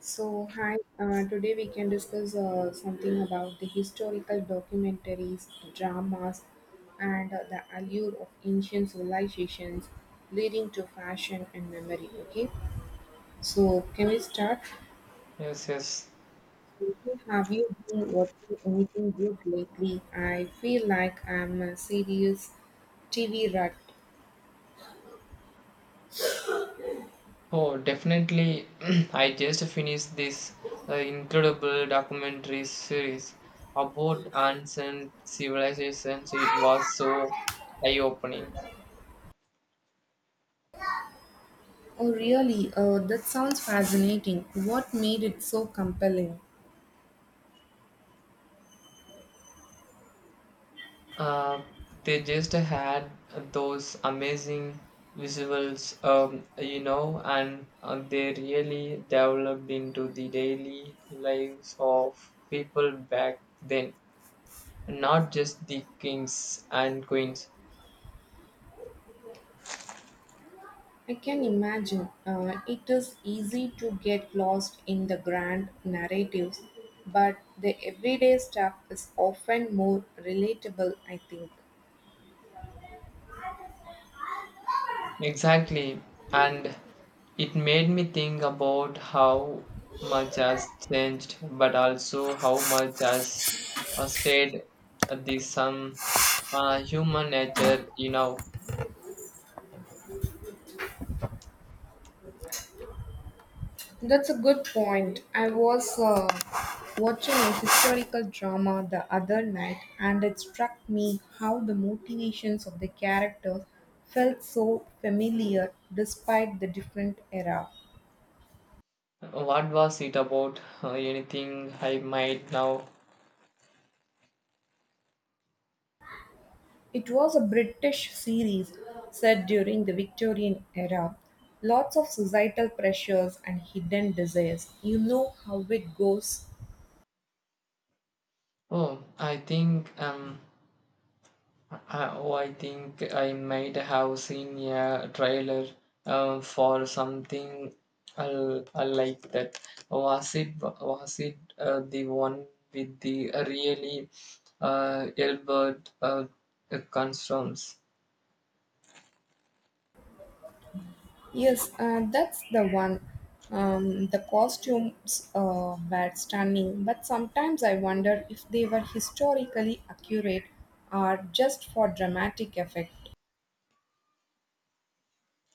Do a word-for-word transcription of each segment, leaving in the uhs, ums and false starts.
So, hi, uh, today we can discuss uh, something about the historical documentaries, dramas, and uh, the allure of ancient civilizations leading to fashion and memory. Okay, so can we start? Yes, yes. Have you been watching anything good lately? I feel like I'm a serious T V rat. Oh, definitely. I just finished this uh, incredible documentary series about ancient civilizations. It was so eye-opening. Oh, really? Uh, that sounds fascinating. What made it so compelling? Uh, they just had those amazing visuals, um, you know, and uh, they really developed into the daily lives of people back then, not just the kings and queens. I can imagine. Uh, it is easy to get lost in the grand narratives, but the everyday stuff is often more relatable, I think. Exactly. And it made me think about how much has changed, but also how much has uh, stayed at the some uh, human nature, you know. That's a good point. I was uh, watching a historical drama the other night, and it struck me how the motivations of the characters felt so familiar despite the different era. What was it about uh, anything I might now? It was a British series set during the Victorian era. Lots of societal pressures and hidden desires. You know how it goes. Oh, I think um, Uh, oh, I think I might have seen a trailer uh, for something uh, uh, like that. Was it was it uh, the one with the really uh, Albert uh, Construms? Yes, uh, that's the one. Um, the costumes uh, were stunning, but sometimes I wonder if they were historically accurate or just for dramatic effect.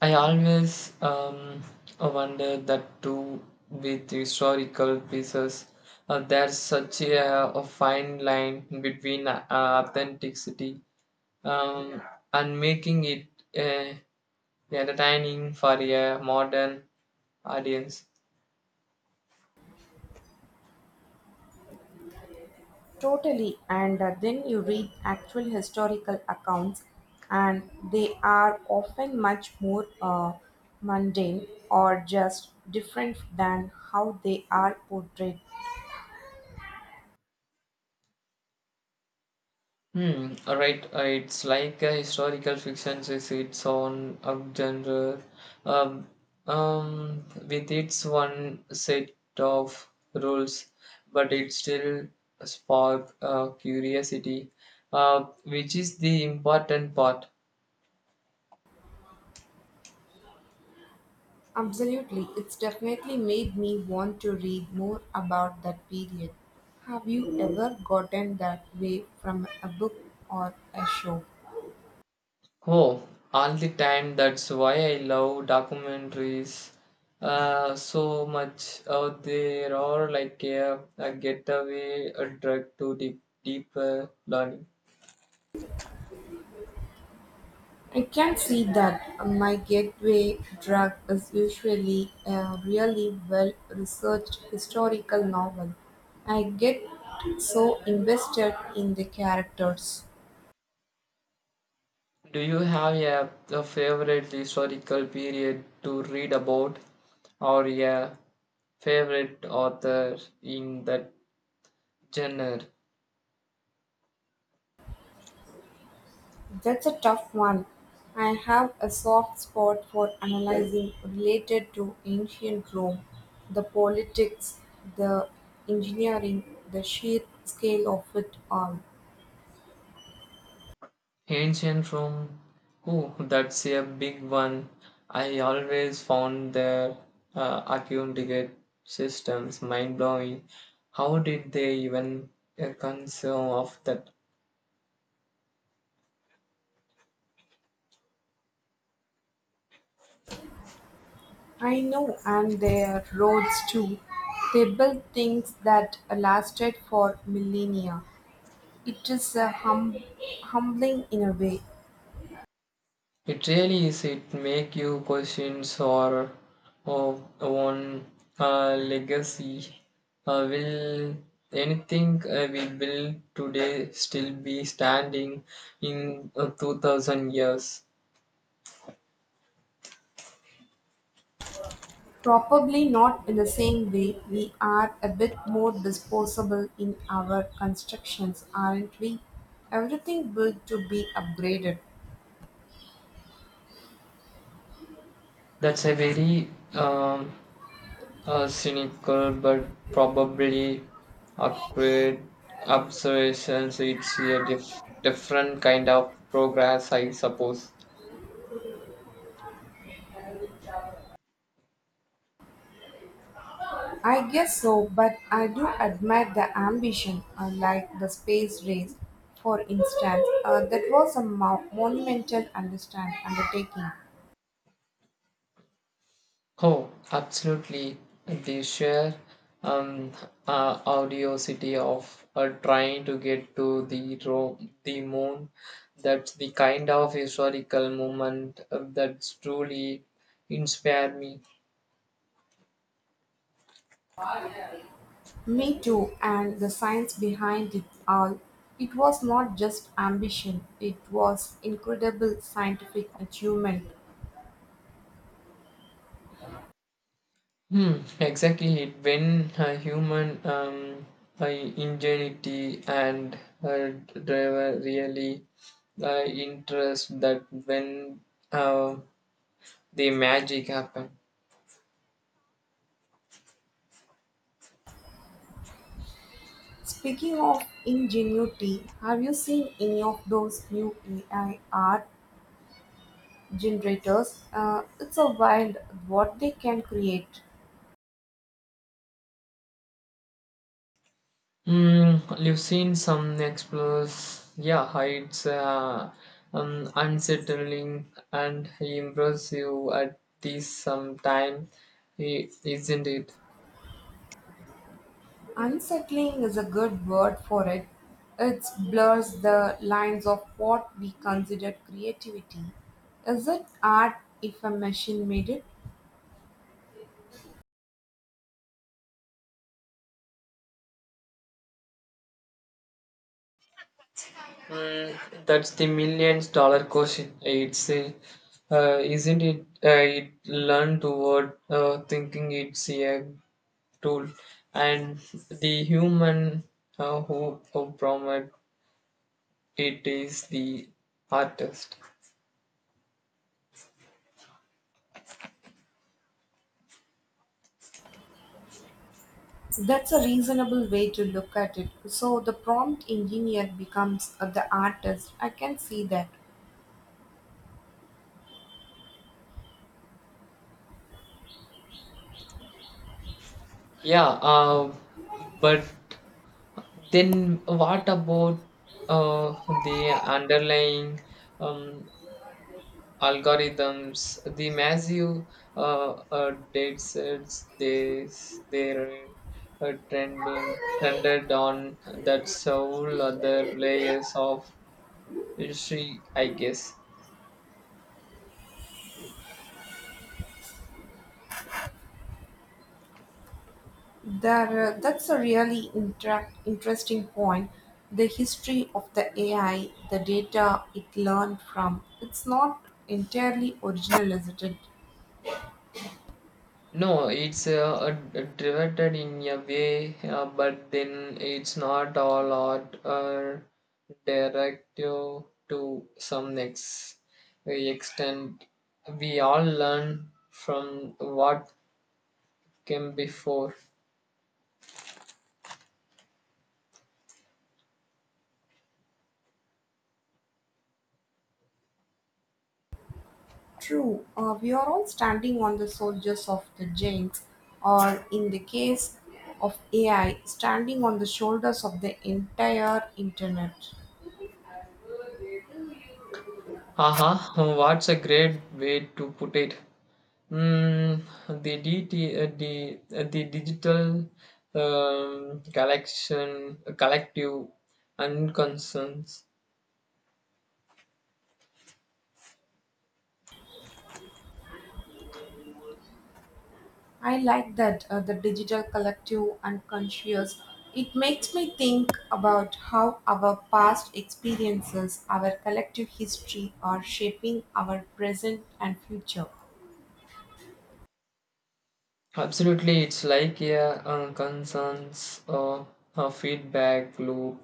I always um, wonder that too with historical pieces. Uh, there's such a, a fine line between uh, authenticity um, and making it uh, entertaining for a modern audience. Totally, and uh, then you read actual historical accounts, and they are often much more uh, mundane or just different than how they are portrayed. Hmm, right, uh, it's like a historical fiction is its own um, genre, um, um, with its one set of rules, but it still spark uh, curiosity, uh, which is the important part. Absolutely, it's definitely made me want to read more about that period. Have you ever gotten that way from a book or a show? Oh, all the time. That's why I love documentaries uh, so much. Uh, they are like a, a getaway, a drug to deep, deeper learning. I can see that. My gateway drug is usually a really well researched historical novel. I get so invested in the characters. Do you have a, a favorite historical period to read about, or a favorite author in that genre? That's a tough one. I have a soft spot for analyzing related to ancient Rome, the politics, the engineering, the sheer scale of it all. Ancient Rome. Oh, that's a big one. I always found their uh, vacuum ticket systems mind blowing. How did they even uh, conceive of that? I know, and their roads too. They built things that lasted for millennia. It is a hum- humbling in a way. It really is. It make you questions or of one uh, legacy. Uh, will anything uh, we build today still be standing in uh, two thousand years? Probably not in the same way. We are a bit more disposable in our constructions, aren't we? Everything built to be upgraded. That's a very um, A cynical but probably accurate observations. It's a dif- different kind of progress, I suppose. I guess so, but I do admire the ambition, uh, like the space race, for instance. Uh, that was a mo- monumental understand undertaking. Oh, absolutely. The sheer um, uh, audiosity of uh, trying to get to the ro- the moon. That's the kind of historical moment uh, that's truly inspired me. Me too, and the science behind it all. It was not just ambition, it was incredible scientific achievement. Hmm, exactly. it. When uh, human um, uh, ingenuity and uh, driver really uh, interest that when uh, the magic happen. Speaking of ingenuity, have you seen any of those new A I art generators? Uh, it's a wild what they can create. Mm, you've seen some explores, yeah, heights, uh, um, unsettling and impressive at this some time, i- isn't it? Unsettling is a good word for it. It blurs the lines of what we consider creativity. Is it art if a machine made it? Mm, that's the millions dollar question. It's a, uh, isn't it? Uh, it learn toward uh, thinking it's a tool, and the human uh, who, who promote it is the artist. So that's a reasonable way to look at it. So the prompt engineer becomes uh, the artist. I can see that. Yeah, uh, but then what about uh, the underlying um, algorithms the massive uh, uh, data sets they they're uh, trending trended on that several other layers of history, I guess. There, uh, that's a really interact, interesting point. The history of the A I, the data it learned from, it's not entirely original, isn't it? No it's uh, uh, derivative in a way, uh, but then it's not all art, uh, directive to some ex- extent. We all learn from what came before. True. Uh, we are all standing on the soldiers of the giants, or in the case of A I, standing on the shoulders of the entire internet. Aha, what's a great way to put it? Mm, the, D T, uh, the, uh, the digital um, collection, collective and concerns. I like that uh, the digital collective unconscious. It makes me think about how our past experiences, our collective history, are shaping our present and future. Absolutely, it's like a um, concerns or a feedback loop.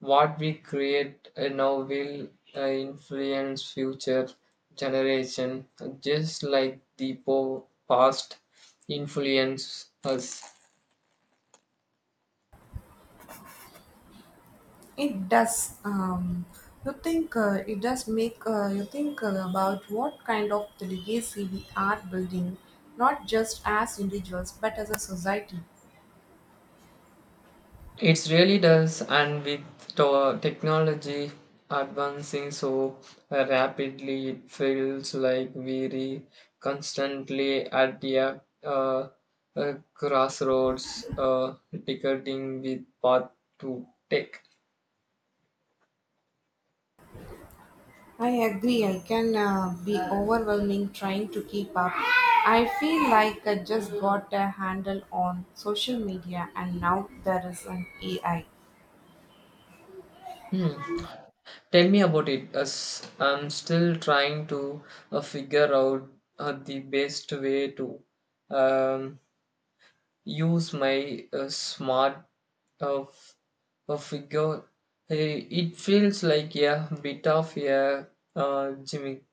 What we create uh, now will uh, influence future generation, just like the po- past influence us. It does. Um, you think uh, it does make uh, you think uh, about what kind of the legacy we are building, not just as individuals but as a society. It really does, and with the technology advancing so rapidly, it feels like we're constantly at the uh, uh, crossroads, uh, ticketing with path to take. I agree, I can uh, be overwhelming trying to keep up. I feel like I just got a handle on social media and now there is an A I. Hmm. Tell me about it. As I'm still trying to uh, figure out uh, the best way to um, use my uh, smart uh, f- uh, figure. Eh, It feels like a bit of a uh, gimmick.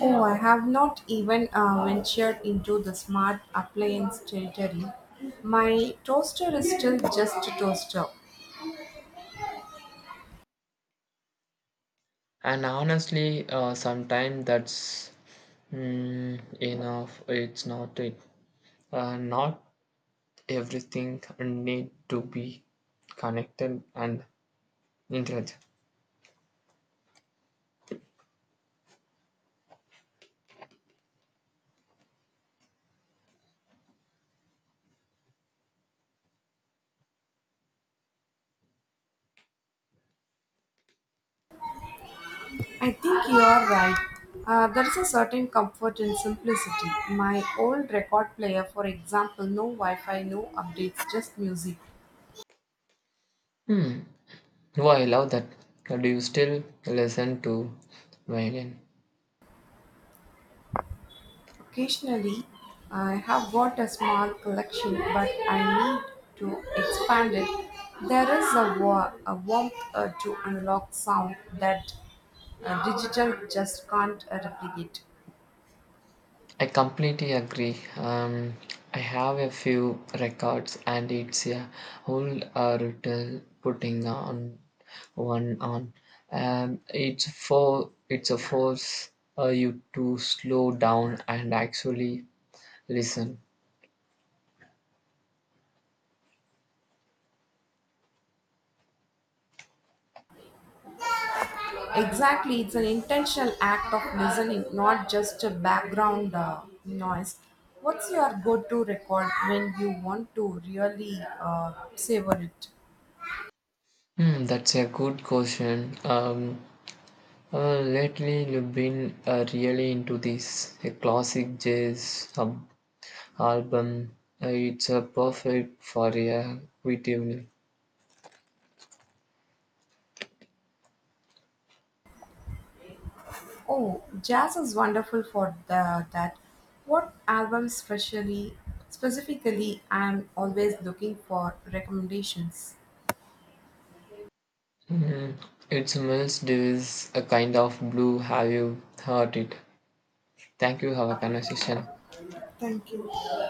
Oh, I have not even uh, ventured into the smart appliance territory. My toaster is still just a toaster. And honestly, uh, sometimes that's mm, enough. It's not it. Uh, not everything need to be connected and intelligent. I think you are right. Uh, there is a certain comfort in simplicity. My old record player, for example, no Wi Fi, no updates, just music. Hmm. Oh, I love that. Do you still listen to violin? Occasionally, I have got a small collection, but I need to expand it. There is a, wa- a warmth uh, to analog sound that uh, digital just can't uh, replicate. I completely agree. Um, I have a few records, and it's a whole uh, ritual putting on one on. Um, it's for it's a force uh, you to slow down and actually listen. Exactly, it's an intentional act of listening, not just a background uh, noise. What's your go to record when you want to really uh, savor it? Hmm, that's a good question. Um, uh, lately, you've been uh, really into this a classic jazz sub album. Uh, it's a perfect for a quiet evening. Oh, jazz is wonderful for the, that. What album specially, specifically, I'm always looking for recommendations. Hmm, it smells. There is a kind of blue. Have you heard it? Thank you. Have a conversation. Thank you.